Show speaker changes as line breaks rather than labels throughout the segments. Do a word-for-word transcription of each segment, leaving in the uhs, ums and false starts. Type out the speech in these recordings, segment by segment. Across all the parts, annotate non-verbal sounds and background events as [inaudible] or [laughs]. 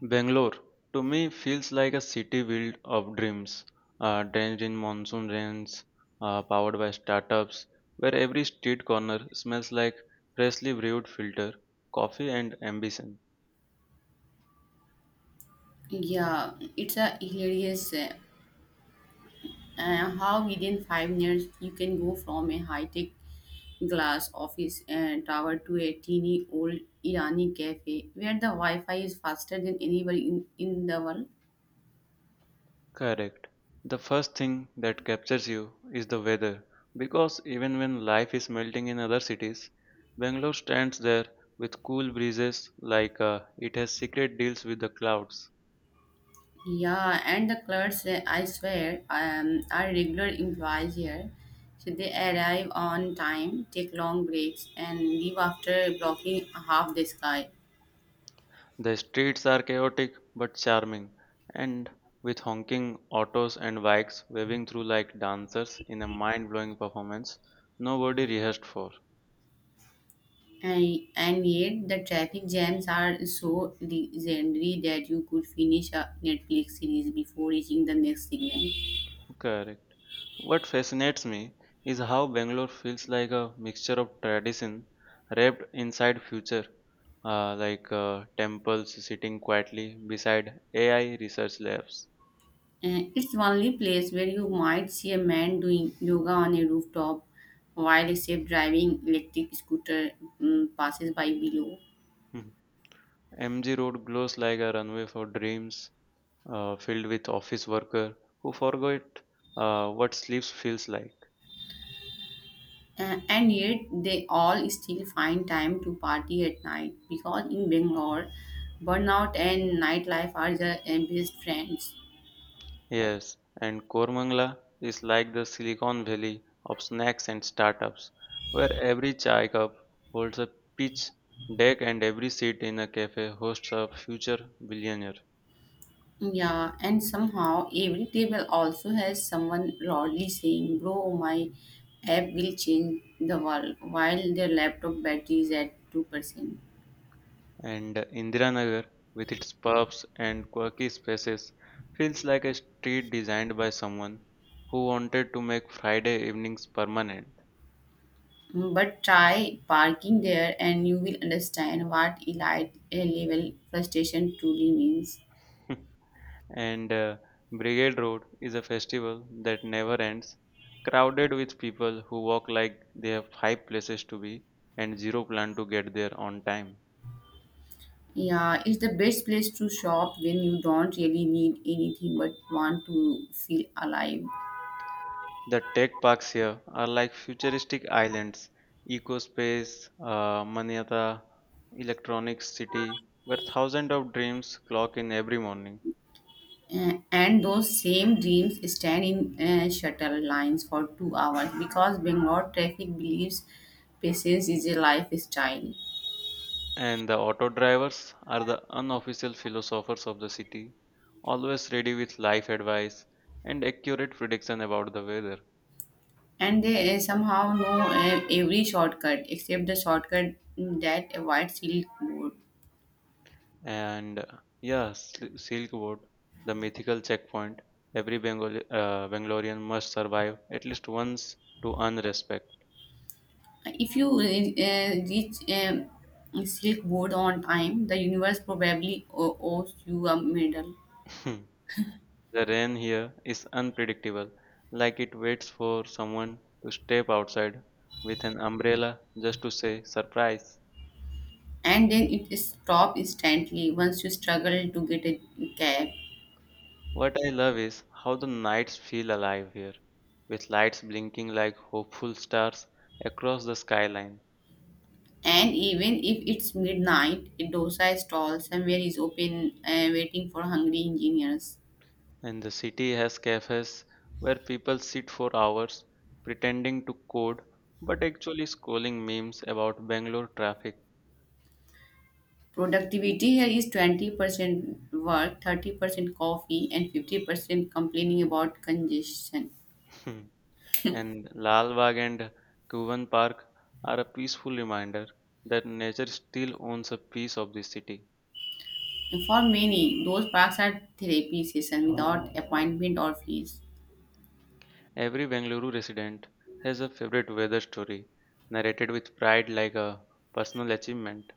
Bangalore, to me, feels like a city built of dreams, uh, drenched in monsoon rains, uh, powered by startups, where every street corner smells like freshly brewed filter, coffee, and ambition.
Yeah, it's a hilarious uh, uh, how within five minutes you can go from a high-tech glass office uh, tower to a teeny old Irani cafe where the Wi-Fi is faster than anywhere in, in the world.
Correct. The first thing that captures you is the weather, because even when life is melting in other cities, Bangalore stands there with cool breezes like uh, it has secret deals with the clouds.
Yeah, and the clerks, uh, I swear, um, are regular employees here. So they arrive on time, take long breaks, and leave after blocking half the sky.
The streets are chaotic but charming, and with honking autos and bikes waving through like dancers in a mind blowing performance nobody rehearsed for.
And, and yet, the traffic jams are so legendary that you could finish a Netflix series before reaching the next signal.
Correct. What fascinates me is how Bangalore feels like a mixture of tradition wrapped inside future, uh, like uh, temples sitting quietly beside A I research labs.
And it's only place where you might see a man doing yoga on a rooftop while a safe driving electric scooter mm, passes by below.
Mhm. M G Road glows like a runway for dreams, uh, filled with office worker who forgot uh, what sleep feels like.
Uh, and yet, they all still find time to party at night because in Bangalore, burnout and nightlife are the uh, best friends.
Yes, and Kormangla is like the Silicon Valley of snacks and startups, where every chai cup holds a pitch deck and every seat in a cafe hosts a future billionaire.
Yeah, and somehow every table also has someone loudly saying, Bro, my app will change the world, while their laptop battery is at two percent.
And Indiranagar, with its pubs and quirky spaces, feels like a street designed by someone who wanted to make Friday evenings permanent.
Mm. But try parking there and you will understand what elite uh, level frustration truly means.
[laughs] and uh, Brigade Road is a festival that never ends, crowded with people who walk like they have five places to be and zero plan to get there on time.
Yeah, it's the best place to shop when you don't really need anything but want to feel alive.
The tech parks here are like futuristic islands, EcoSpace, uh, Maniata, Electronics City, where thousands of dreams clock in every morning.
Uh, and those same dreams stand in uh, shuttle lines for two hours because Bangalore traffic believes patience is a lifestyle.
And the auto drivers are the unofficial philosophers of the city, always ready with life advice and accurate prediction about the weather.
And they uh, somehow know uh, every shortcut except the shortcut that avoids silk road.
and uh, yeah, Sil- silk road, the mythical checkpoint every bengali uh, bangalorean must survive at least once to earn respect.
If you uh, reach um, Silk Road on time, the universe probably o- owes you a medal.
[laughs] The rain here is unpredictable, like it waits for someone to step outside with an umbrella just to say surprise.
And then it stops instantly once you struggle to get a cab.
What I love is how the nights feel alive here, with lights blinking like hopeful stars across the skyline.
And even if it's midnight, a dosa stall somewhere is open uh, waiting for hungry engineers.
And the city has cafes where people sit for hours pretending to code but actually scrolling memes about Bangalore traffic.
Productivity here is twenty percent work, thirty percent coffee, and fifty percent complaining about congestion.
[laughs] And Lal Bagh and Kuvan Park are a peaceful reminder that nature still owns a piece of the city.
For many, those parks are therapy sessions without appointment or fees.
Every Bengaluru resident has a favorite weather story narrated with pride like a personal achievement.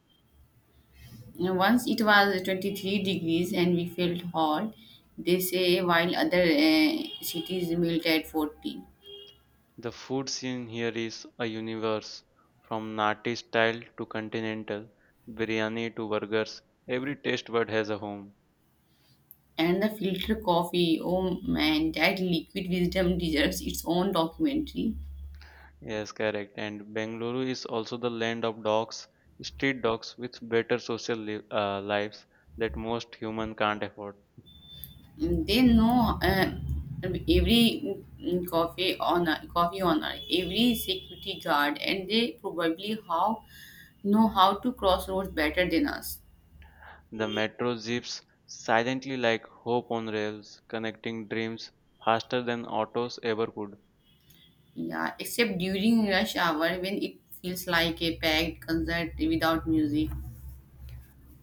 And once it was twenty-three degrees and we felt hot, they say, while other uh, cities melt at forty.
The food scene here is a universe, from Nati style to continental, biryani to burgers, every taste bud has a home.
And the filter coffee, oh man, that liquid wisdom deserves its own documentary.
Yes, correct. And Bengaluru is also the land of dogs, street dogs with better social li- uh, lives that most human can't afford.
Mm. They know uh, every mm, coffee owner, coffee owner, every security guard, and they probably how know how to cross roads better than us.
The metro zips silently like hope on rails, connecting dreams faster than autos ever could.
Yeah, except during rush hour when it feels like a packed concert without music.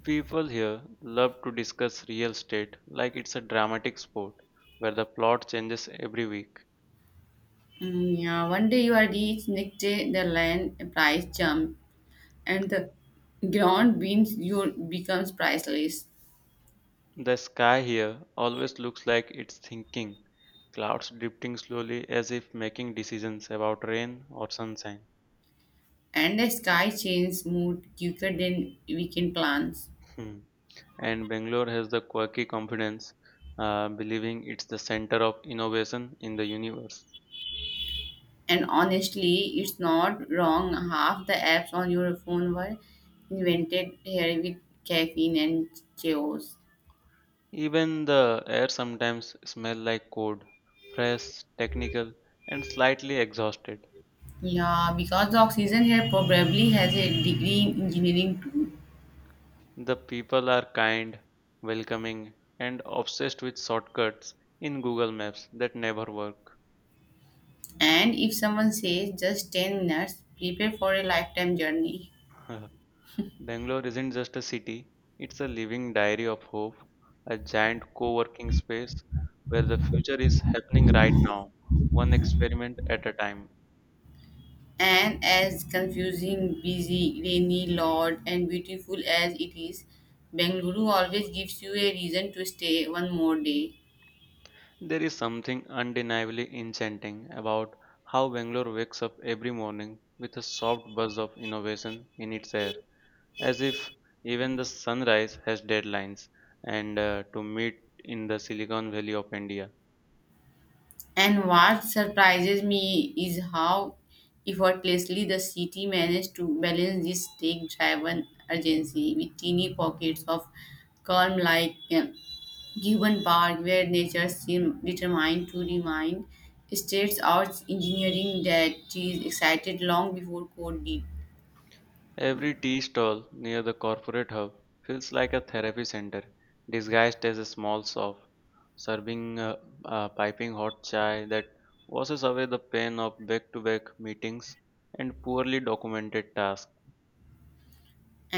People here love to discuss real estate like it's a dramatic sport where the plot changes every week.
Mm, yeah, one day you are rich, next day the land price jump, and the ground beans your becomes priceless.
The sky here always looks like it's thinking, clouds drifting slowly as if making decisions about rain or sunshine.
And the sky changes mood quicker than weekend plans.
Hmm. And Bangalore has the quirky confidence, uh, believing it's the center of innovation in the universe.
And honestly, it's not wrong. Half the apps on your phone were invented here with caffeine and chaos.
Even the air sometimes smells like code, fresh, technical, and slightly exhausted.
Yeah, because the oxygen here probably has a degree in engineering too.
The people are kind, welcoming, and obsessed with shortcuts in Google Maps that never work.
And if someone says just ten minutes, prepare for a lifetime journey.
[laughs] Bangalore isn't just a city, it's a living diary of hope, a giant co working space where the future is happening right now, one experiment at a time.
And as confusing, busy, rainy, loud, and beautiful as it is, Bengaluru always gives you a reason to stay one more day.
There is something undeniably enchanting about how Bangalore wakes up every morning with a soft buzz of innovation in its air, as if even the sunrise has deadlines and uh, to meet in the Silicon Valley of India.
And what surprises me is how effortlessly the city managed to balance this stake driven urgency with teeny pockets of calm, like um, Gibbon Park, where nature seemed determined to remind states arts engineering that she is excited long before code did.
Every tea stall near the corporate hub feels like a therapy center disguised as a small shop, serving uh, uh, piping hot chai that washes away the pain of back to back meetings and poorly documented tasks.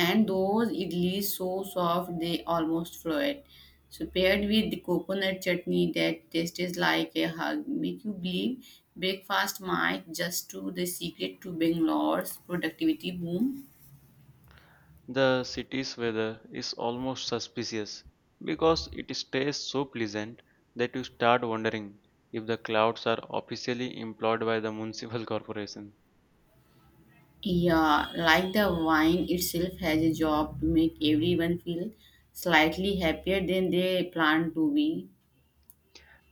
And those idlis, so soft they almost float. So paired with the coconut chutney that tastes like a hug, make you believe breakfast might just to the secret to Bangalore's productivity boom.
The city's weather is almost suspicious because it stays so pleasant that you start wondering if the clouds are officially employed by the municipal [laughs] corporation.
Yeah, like the wine itself has a job to make everyone feel slightly happier than they plan to be.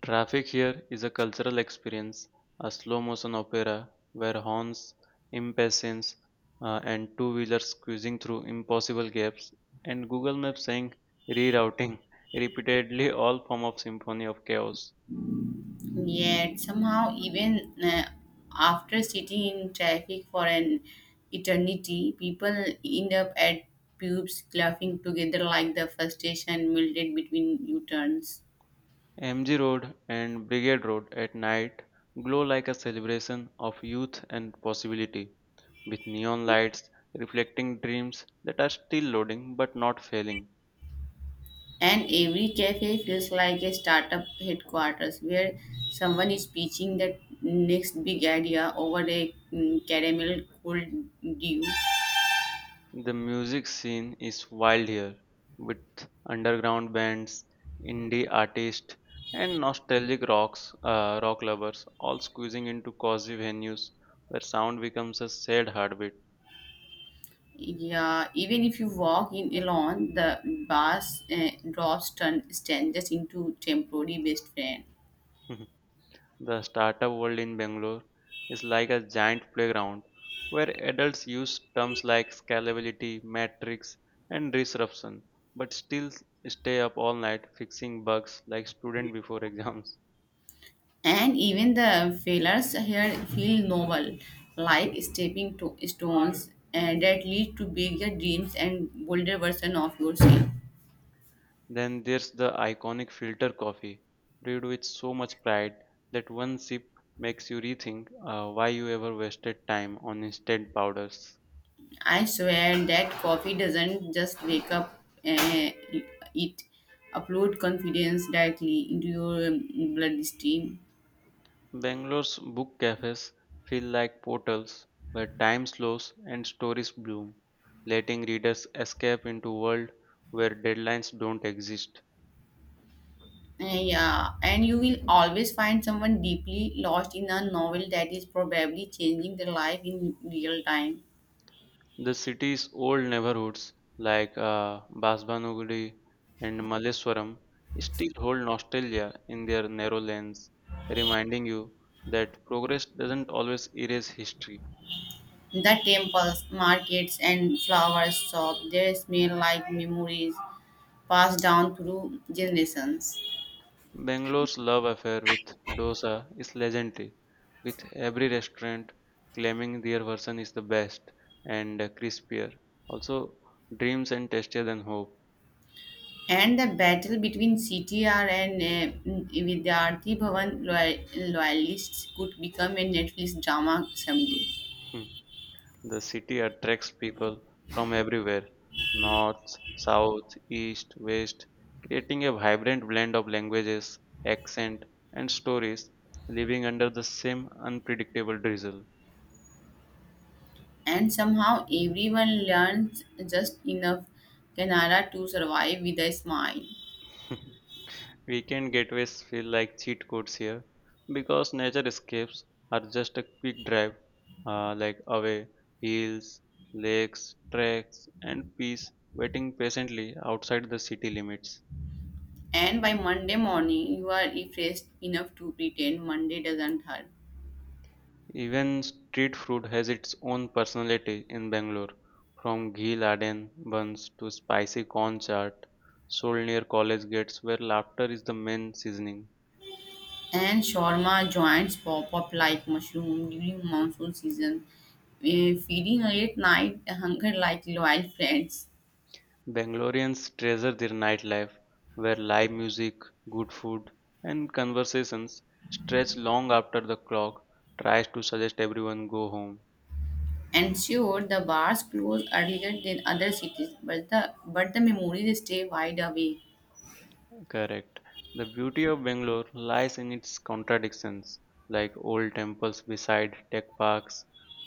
Traffic here is a cultural experience, a slow motion opera where horns, impatience, uh, and two wheelers squeezing through impossible gaps, and Google Maps saying rerouting [laughs] repeatedly all form of symphony of chaos.
Yet somehow, even uh, after sitting in traffic for an eternity, people end up at pubs laughing together like the frustration melted between U-turns.
M G Road and Brigade Road at night glow like a celebration of youth and possibility, with neon lights reflecting dreams that are still loading but not failing.
And every cafe feels like a startup headquarters where someone is pitching the next big idea over a mm, caramel cold dew.
The music scene is wild here, with underground bands, indie artists, and nostalgic rocks, uh, rock lovers all squeezing into cozy venues where sound becomes a sad heartbeat.
Yeah, even if you walk in alone, the bus uh, drops turn strangers into temporary best friend.
[laughs] The startup world in Bangalore is like a giant playground where adults use terms like scalability, metrics, and disruption, but still stay up all night fixing bugs like students before [laughs] exams.
And even the failures here feel novel, like stepping to stones and that lead to bigger dreams and bolder version of yourself.
Then there's the iconic filter coffee, brewed with so much pride that one sip makes you rethink uh, why you ever wasted time on instant powders.
I swear that coffee doesn't just wake up, uh, it upload confidence directly into your um, bloodstream.
Bangalore's book cafes feel like portals where time slows and stories bloom, letting readers escape into world where deadlines don't exist.
Yeah, and you will always find someone deeply lost in a novel that is probably changing their life in real time.
The city's old neighborhoods like uh, Basbanagudi and Malleswaram still hold nostalgia in their narrow lanes, reminding you that progress doesn't always erase history.
The temples, markets, and flower shops, they smell like memories passed down through generations.
Bangalore's love affair with dosa is legendary, with every restaurant claiming their version is the best and uh, crispier, also dreams and tastier than hope.
And the battle between C T R and uh, Vidyarthi Bhavan loyal- loyalists could become a Netflix drama someday.
Hmm. The city attracts people from everywhere, north, south, east, west, creating a vibrant blend of languages, accent, and stories living under the same unpredictable drizzle.
And somehow everyone learns just enough Kannada to survive with a smile.
[laughs] Weekend getaways feel like cheat codes here because nature escapes are just a quick drive, uh, like away, hills, lakes, tracks, and peace waiting patiently outside the city limits.
And by Monday morning, you are refreshed enough to pretend Monday doesn't hurt.
Even street food has its own personality in Bangalore, from ghee laden buns to spicy corn chaat sold near college gates where laughter is the main seasoning.
And shawarma joints pop up like mushroom during monsoon season, eh, feeding late night hunger like loyal friends.
Bangaloreans treasure their nightlife, where live music, good food, and conversations stretch long after the clock tries to suggest everyone go home.
And sure, the bars close earlier than other cities, but the but the memories stay wide awake.
Correct. The beauty of Bangalore lies in its contradictions, like old temples beside tech parks,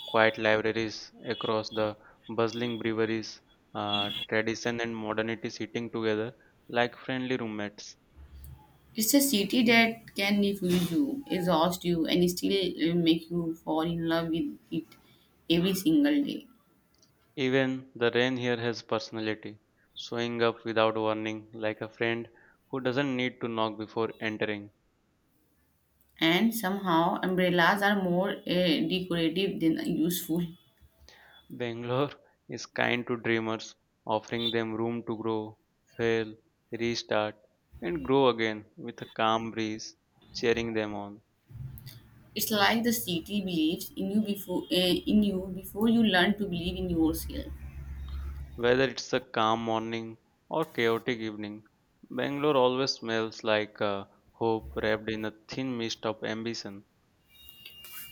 quiet libraries across the bustling breweries, uh, tradition and modernity sitting together like friendly roommates.
It's a city that can refuse you, exhaust you, and still uh, make you fall in love with it every single day.
Even the rain here has personality, showing up without warning, like a friend who doesn't need to knock before entering.
And somehow, umbrellas are more uh, decorative than useful.
Bangalore [laughs] is kind to dreamers, offering them room to grow, fail, restart, and grow again with a calm breeze cheering them on.
It's like the city believes in you before uh, in you before you learn to believe in yourself,
Whether it's a calm morning or chaotic evening, Bangalore always smells like uh, hope wrapped in a thin mist of ambition.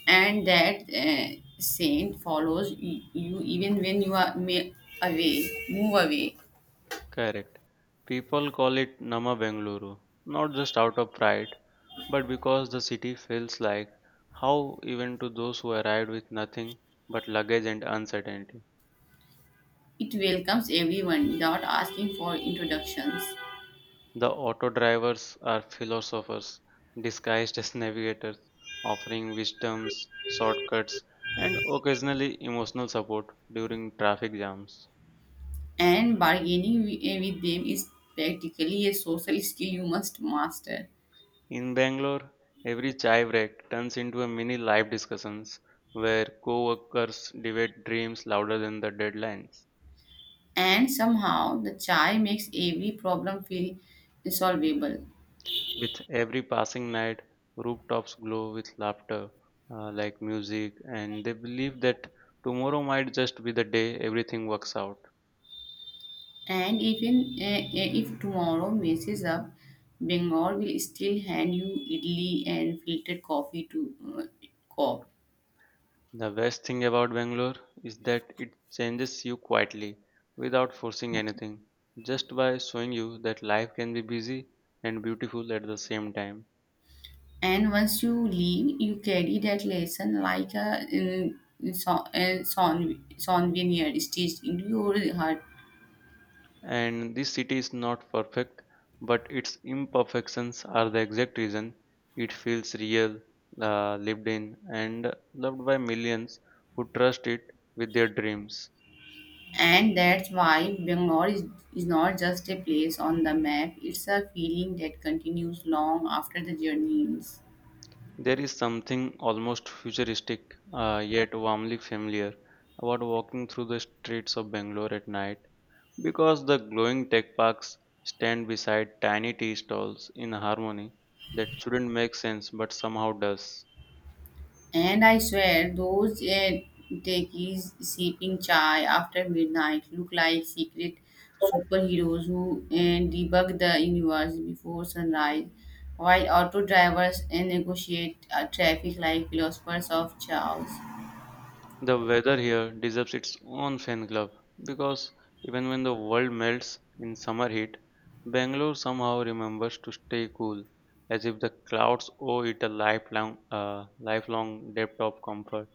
and that uh, saint follows y- you even when you are may away, move away.
Correct. People call it Nama Bengaluru, not just out of pride, but because the city feels like how even to those who arrived with nothing but luggage and uncertainty.
It welcomes everyone without asking for introductions.
The auto drivers are philosophers disguised as navigators, offering wisdoms, shortcuts, and occasionally emotional support during traffic jams.
And bargaining wi- eh, with them is practically a social skill you must master.
In Bangalore, every chai break turns into a mini live discussions where co-workers debate dreams louder than the deadlines.
And somehow the chai makes every problem feel solvable.
With every passing night, rooftops glow with laughter, uh, like music, and they believe that tomorrow might just be the day everything works out.
And even eh, eh, if tomorrow messes up, Bengal will still hand you idli and filtered coffee to uh, cop.
The best thing about Bangalore is that it changes you quietly without forcing anything, just by showing you that life can be busy and beautiful at the same time.
And once you leave, you carry that lesson like a uh, son, uh, son, souvenir stitched into your heart.
And this city is not perfect, but its imperfections are the exact reason it feels real, uh, lived in, and loved by millions who trust it with their dreams.
And that's why Bangalore is, is not just a place on the map, it's a feeling that continues long after the journey ends.
There is something almost futuristic, uh, yet warmly familiar, about walking through the streets of Bangalore at night because the glowing tech parks stand beside tiny tea stalls in harmony that shouldn't make sense but somehow does.
And I swear, those uh, techies sipping chai after midnight look like secret superheroes who uh, debug the universe before sunrise, while auto drivers uh, negotiate uh, traffic like philosophers of chaos.
The weather here deserves its own fan club because even when the world melts in summer heat, Bangalore somehow remembers to stay cool, as if the clouds owe it a lifelong, uh, lifelong debt of comfort.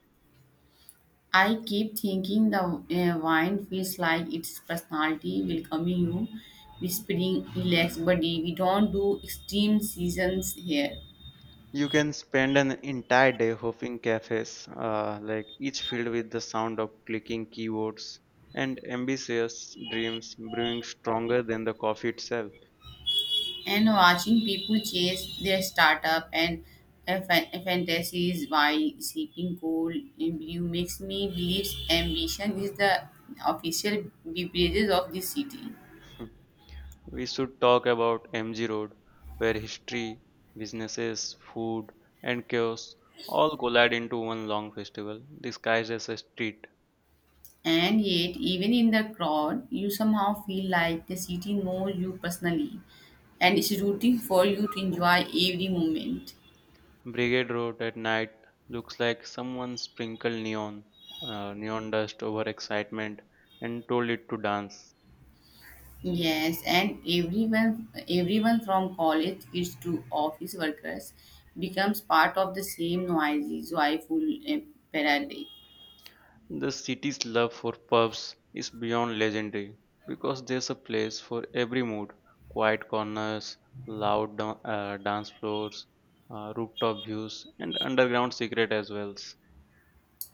I keep thinking the uh, wine feels like its personality welcoming you, whispering, relax, buddy, we don't do extreme seasons here.
You can spend an entire day hopping cafes, uh, like each filled with the sound of clicking keyboards and ambitious dreams brewing stronger than the coffee itself.
And watching people chase their startup and uh, fa- fantasies while sipping cold and brew makes me believe ambition is the official beverages of this city.
[laughs] We should talk about M G Road, where history, businesses, food, and chaos all collide into one long festival, disguised as a street.
And yet, even in the crowd, you somehow feel like the city knows you personally and is rooting for you to enjoy every moment.
Brigade Road at night looks like someone sprinkled neon, uh, neon dust over excitement and told it to dance.
Yes, and everyone, everyone from college kids to office workers becomes part of the same noisy, joyful uh, parade.
The city's love for pubs is beyond legendary because there's a place for every mood, quiet corners, loud dan- uh, dance floors, uh, rooftop views, and underground secret as well.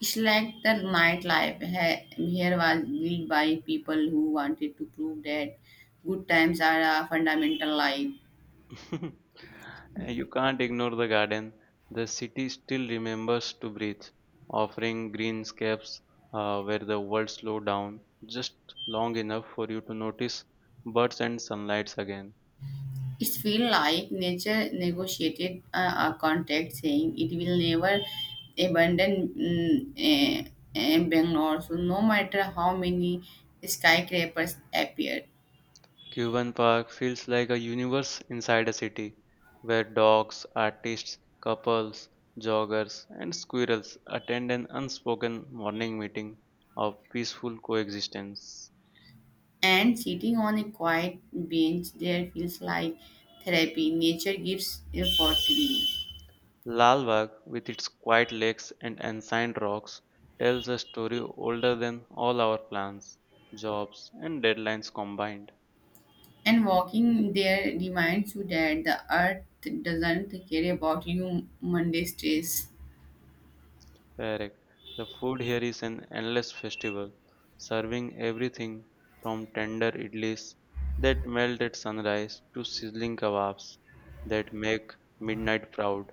It's like the nightlife ha- here was built by people who wanted to prove that good times are a fundamental life.
[laughs] You can't ignore the garden. The city still remembers to breathe, offering greenscapes uh, where the world slows down just long enough for you to notice birds and sunlights again.
It feels like nature negotiated a, a contract saying it will never abandon mm, eh, eh, Bangalore, so no matter how many skyscrapers appear.
Cuban Park feels like a universe inside a city where dogs, artists, couples, joggers, and squirrels attend an unspoken morning meeting of peaceful coexistence.
And sitting on a quiet bench there feels like therapy. Nature gives a for free.
Lalbagh, with its quiet lakes and ancient rocks, tells a story older than all our plans, jobs, and deadlines combined.
And walking there reminds you that the earth doesn't care about you Monday stress.
Correct. The food here is an endless festival, serving everything from tender idlis that melt at sunrise to sizzling kebabs that make midnight proud.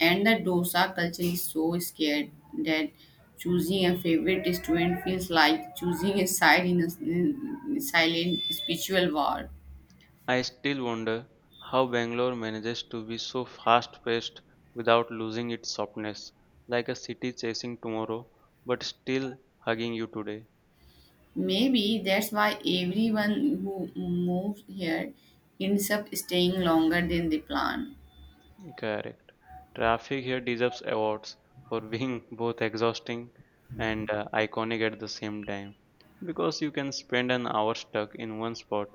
And the dosa culture is so scared that choosing a favorite restaurant feels like choosing a side in a s- in silent spiritual war.
I still wonder how Bangalore manages to be so fast-paced without losing its softness, like a city chasing tomorrow but still hugging you today.
Maybe that's why everyone who moves here ends up staying longer than they plan.
Correct. Traffic here deserves awards for being [laughs] both exhausting and uh, iconic at the same time because you can spend an hour stuck in one spot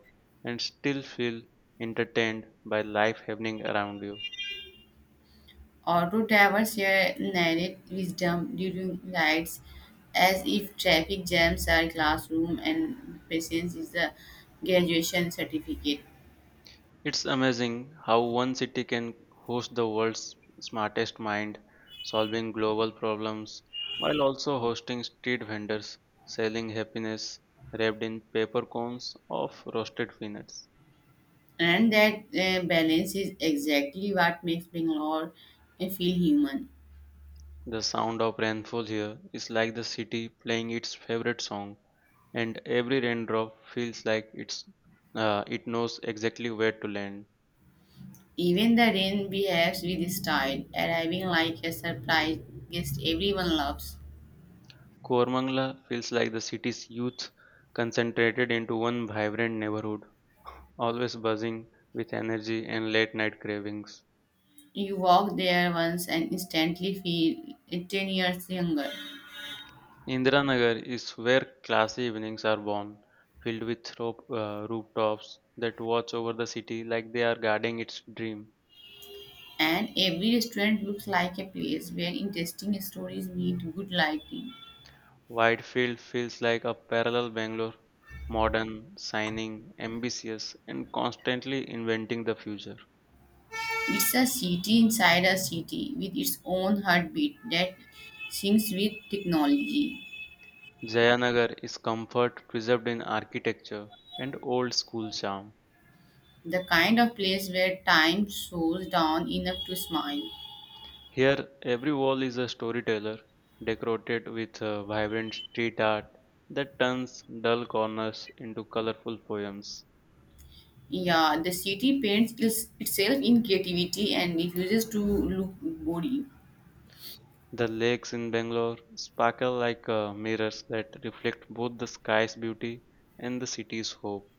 and still feel entertained by life happening around you.
Auto drivers here narrate wisdom during rides as if traffic jams are classroom and patience is the graduation certificate.
It's amazing how one city can host the world's smartest mind, solving global problems, while also hosting street vendors selling happiness wrapped in paper cones of roasted peanuts.
And that uh, balance is exactly what makes Bangalore uh, feel human.
The sound of rainfall here is like the city playing its favorite song, and every raindrop feels like it's uh, it knows exactly where to land.
Even the rain behaves with style, arriving like a surprise guest everyone loves.
Koramangala feels like the city's youth concentrated into one vibrant neighborhood, always buzzing with energy and late night cravings.
You walk there once and instantly feel uh, ten years younger.
Indiranagar is where classy evenings are born, filled with rope, uh, rooftops that watch over the city like they are guarding its dream.
And every restaurant looks like a place where interesting stories meet good lighting.
Whitefield feels like a parallel Bangalore, modern, shining, ambitious, and constantly inventing the future.
It's a city inside a city with its own heartbeat that syncs with technology.
Jayanagar is comfort preserved in architecture and old school charm.
The kind of place where time slows down enough to smile.
Here, every wall is a storyteller, decorated with uh, vibrant street art that turns dull corners into colorful poems.
Yeah, the city paints is itself in creativity and refuses to look boring.
The lakes in Bangalore sparkle like uh, mirrors that reflect both the sky's beauty and the city's hope.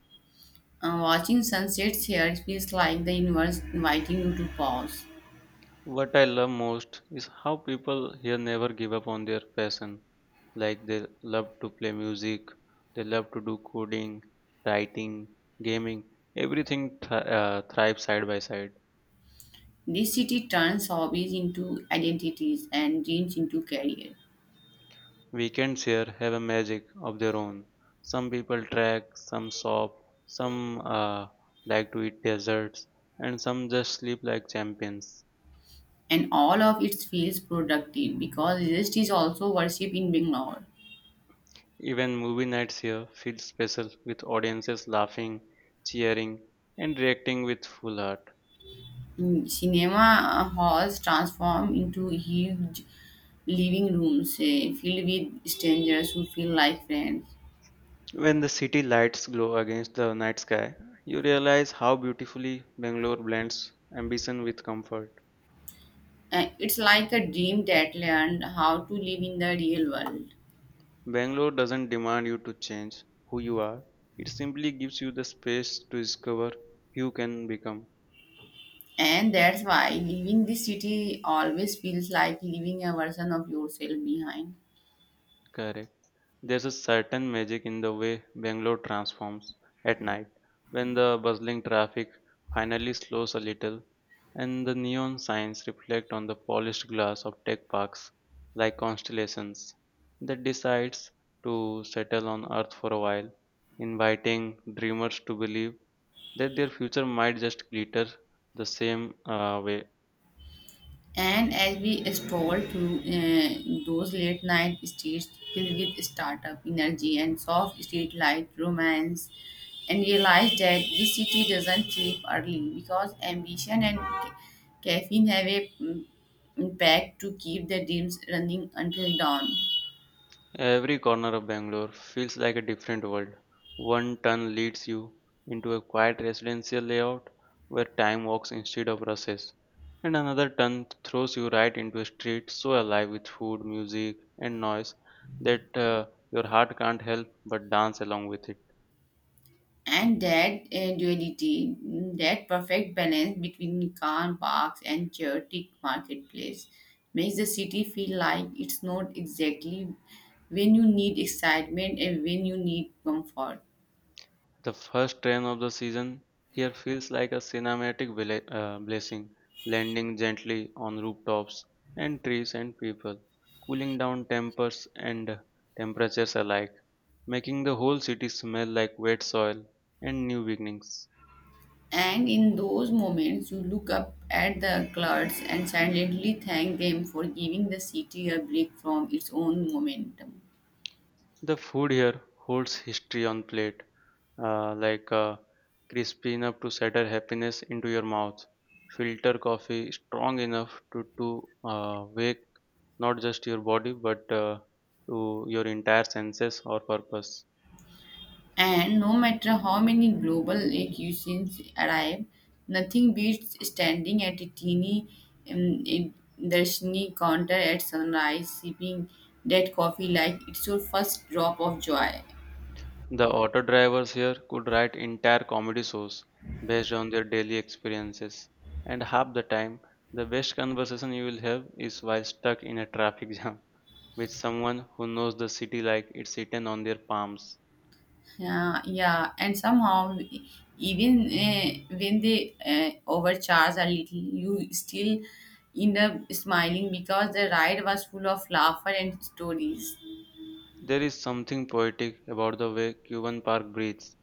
Uh, watching sunsets here feels like the universe inviting you to pause.
What I love most is how people here never give up on their passion. Like they love to play music, they love to do coding, writing, gaming, everything th- uh, thrives side by side.
This city turns hobbies into identities and dreams into career.
Weekends here have a magic of their own. Some people trek, some shop, some uh, like to eat desserts, and some just sleep like champions.
And all of it feels productive because rest is also worship in Bangalore.
Even movie nights here feel special with audiences laughing, cheering, and reacting with full heart.
Mm. Cinema uh, halls transform into huge living rooms eh, filled with strangers who feel like friends.
When the city lights glow against the night sky, you realize how beautifully Bangalore blends ambition with comfort.
Uh, it's like a dream that learned how to live in the real world.
Bangalore doesn't demand you to change who you are, it simply gives you the space to discover who you can become.
And that's why leaving the city always feels like leaving a version of yourself behind.
Correct. There's a certain magic in the way Bangalore transforms at night when the bustling traffic finally slows a little and the neon signs reflect on the polished glass of tech parks like constellations that decides to settle on earth for a while, inviting dreamers to believe that their future might just glitter the same uh, way
And as we stroll through uh, those late night streets filled with startup energy and soft street light romance, and realize that this city doesn't sleep early because ambition and ca- caffeine have a mm, impact to keep the dreams running until dawn.
Every corner of Bangalore feels like a different world. One turn leads you into a quiet residential layout where time walks instead of rushes, and another turn throws you right into a street so alive with food, music, and noise that uh, your heart can't help but dance along with it.
And that uh, duality, mm, that perfect balance between car parks and chaotic marketplace, makes the city feel like it's not exactly when you need excitement and when you need comfort.
The first rain of the season here feels like a cinematic bla- uh, blessing, landing gently on rooftops and trees and people, cooling down tempers and temperatures alike, making the whole city smell like wet soil and new beginnings.
And in those moments, you look up at the clouds and silently thank them for giving the city a break from its own momentum.
The food here holds history on plate, uh, like uh, crispy enough to shatter happiness into your mouth, filter coffee strong enough to to uh, wake not just your body but uh, to your entire senses or purpose.
And no matter how many global cuisines arrive, nothing beats standing at a teeny um, in- darshini counter at sunrise, sipping that coffee like it's your first drop of joy.
The auto drivers here could write entire comedy shows based on their daily experiences, and half the time, the best conversation you will have is while stuck in a traffic [laughs] jam with someone who knows the city like it's written on their palms.
Yeah, yeah, and somehow, even uh, when they uh, overcharge a little, you still end up smiling because the ride was full of laughter and stories.
There is something poetic about the way Cuban Park breathes.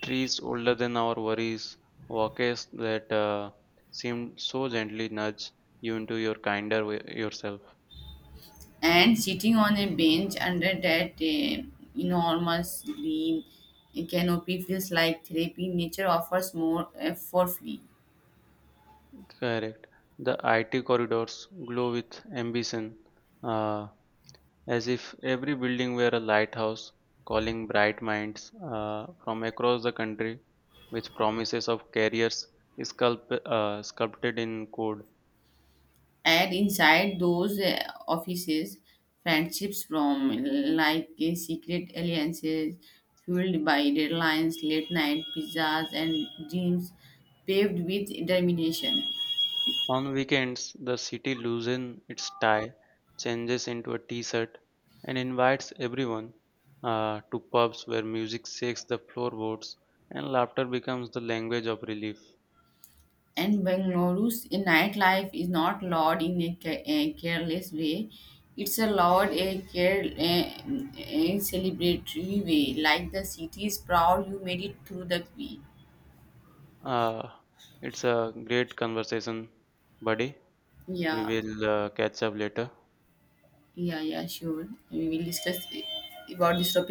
Trees older than our worries, walks that uh, seem so gently nudge you into your kinder way, yourself.
And sitting on a bench under that eh, enormous green canopy feels like therapy. Nature offers more eh, for free.
Correct. The I T corridors glow with ambition, uh, as if every building were a lighthouse calling bright minds uh, from across the country with promises of careers sculpt, uh, sculpted in code.
And inside those eh, offices, friendships from like eh, secret alliances fueled by deadlines, late night pizzas, and dreams paved with determination.
On weekends, the city loosens its tie, changes into a t-shirt, and invites everyone uh, to pubs where music shakes the floorboards and laughter becomes the language of relief.
And Bangalore's nightlife is not loud in a, ca- a careless way. It's a loud, a, care, a, a celebratory way, like the city is proud you made it through the queen.
Uh, it's a great conversation, buddy. We
Yeah,
will uh, catch up later.
yeah, yeah, sure. We will discuss about this topic.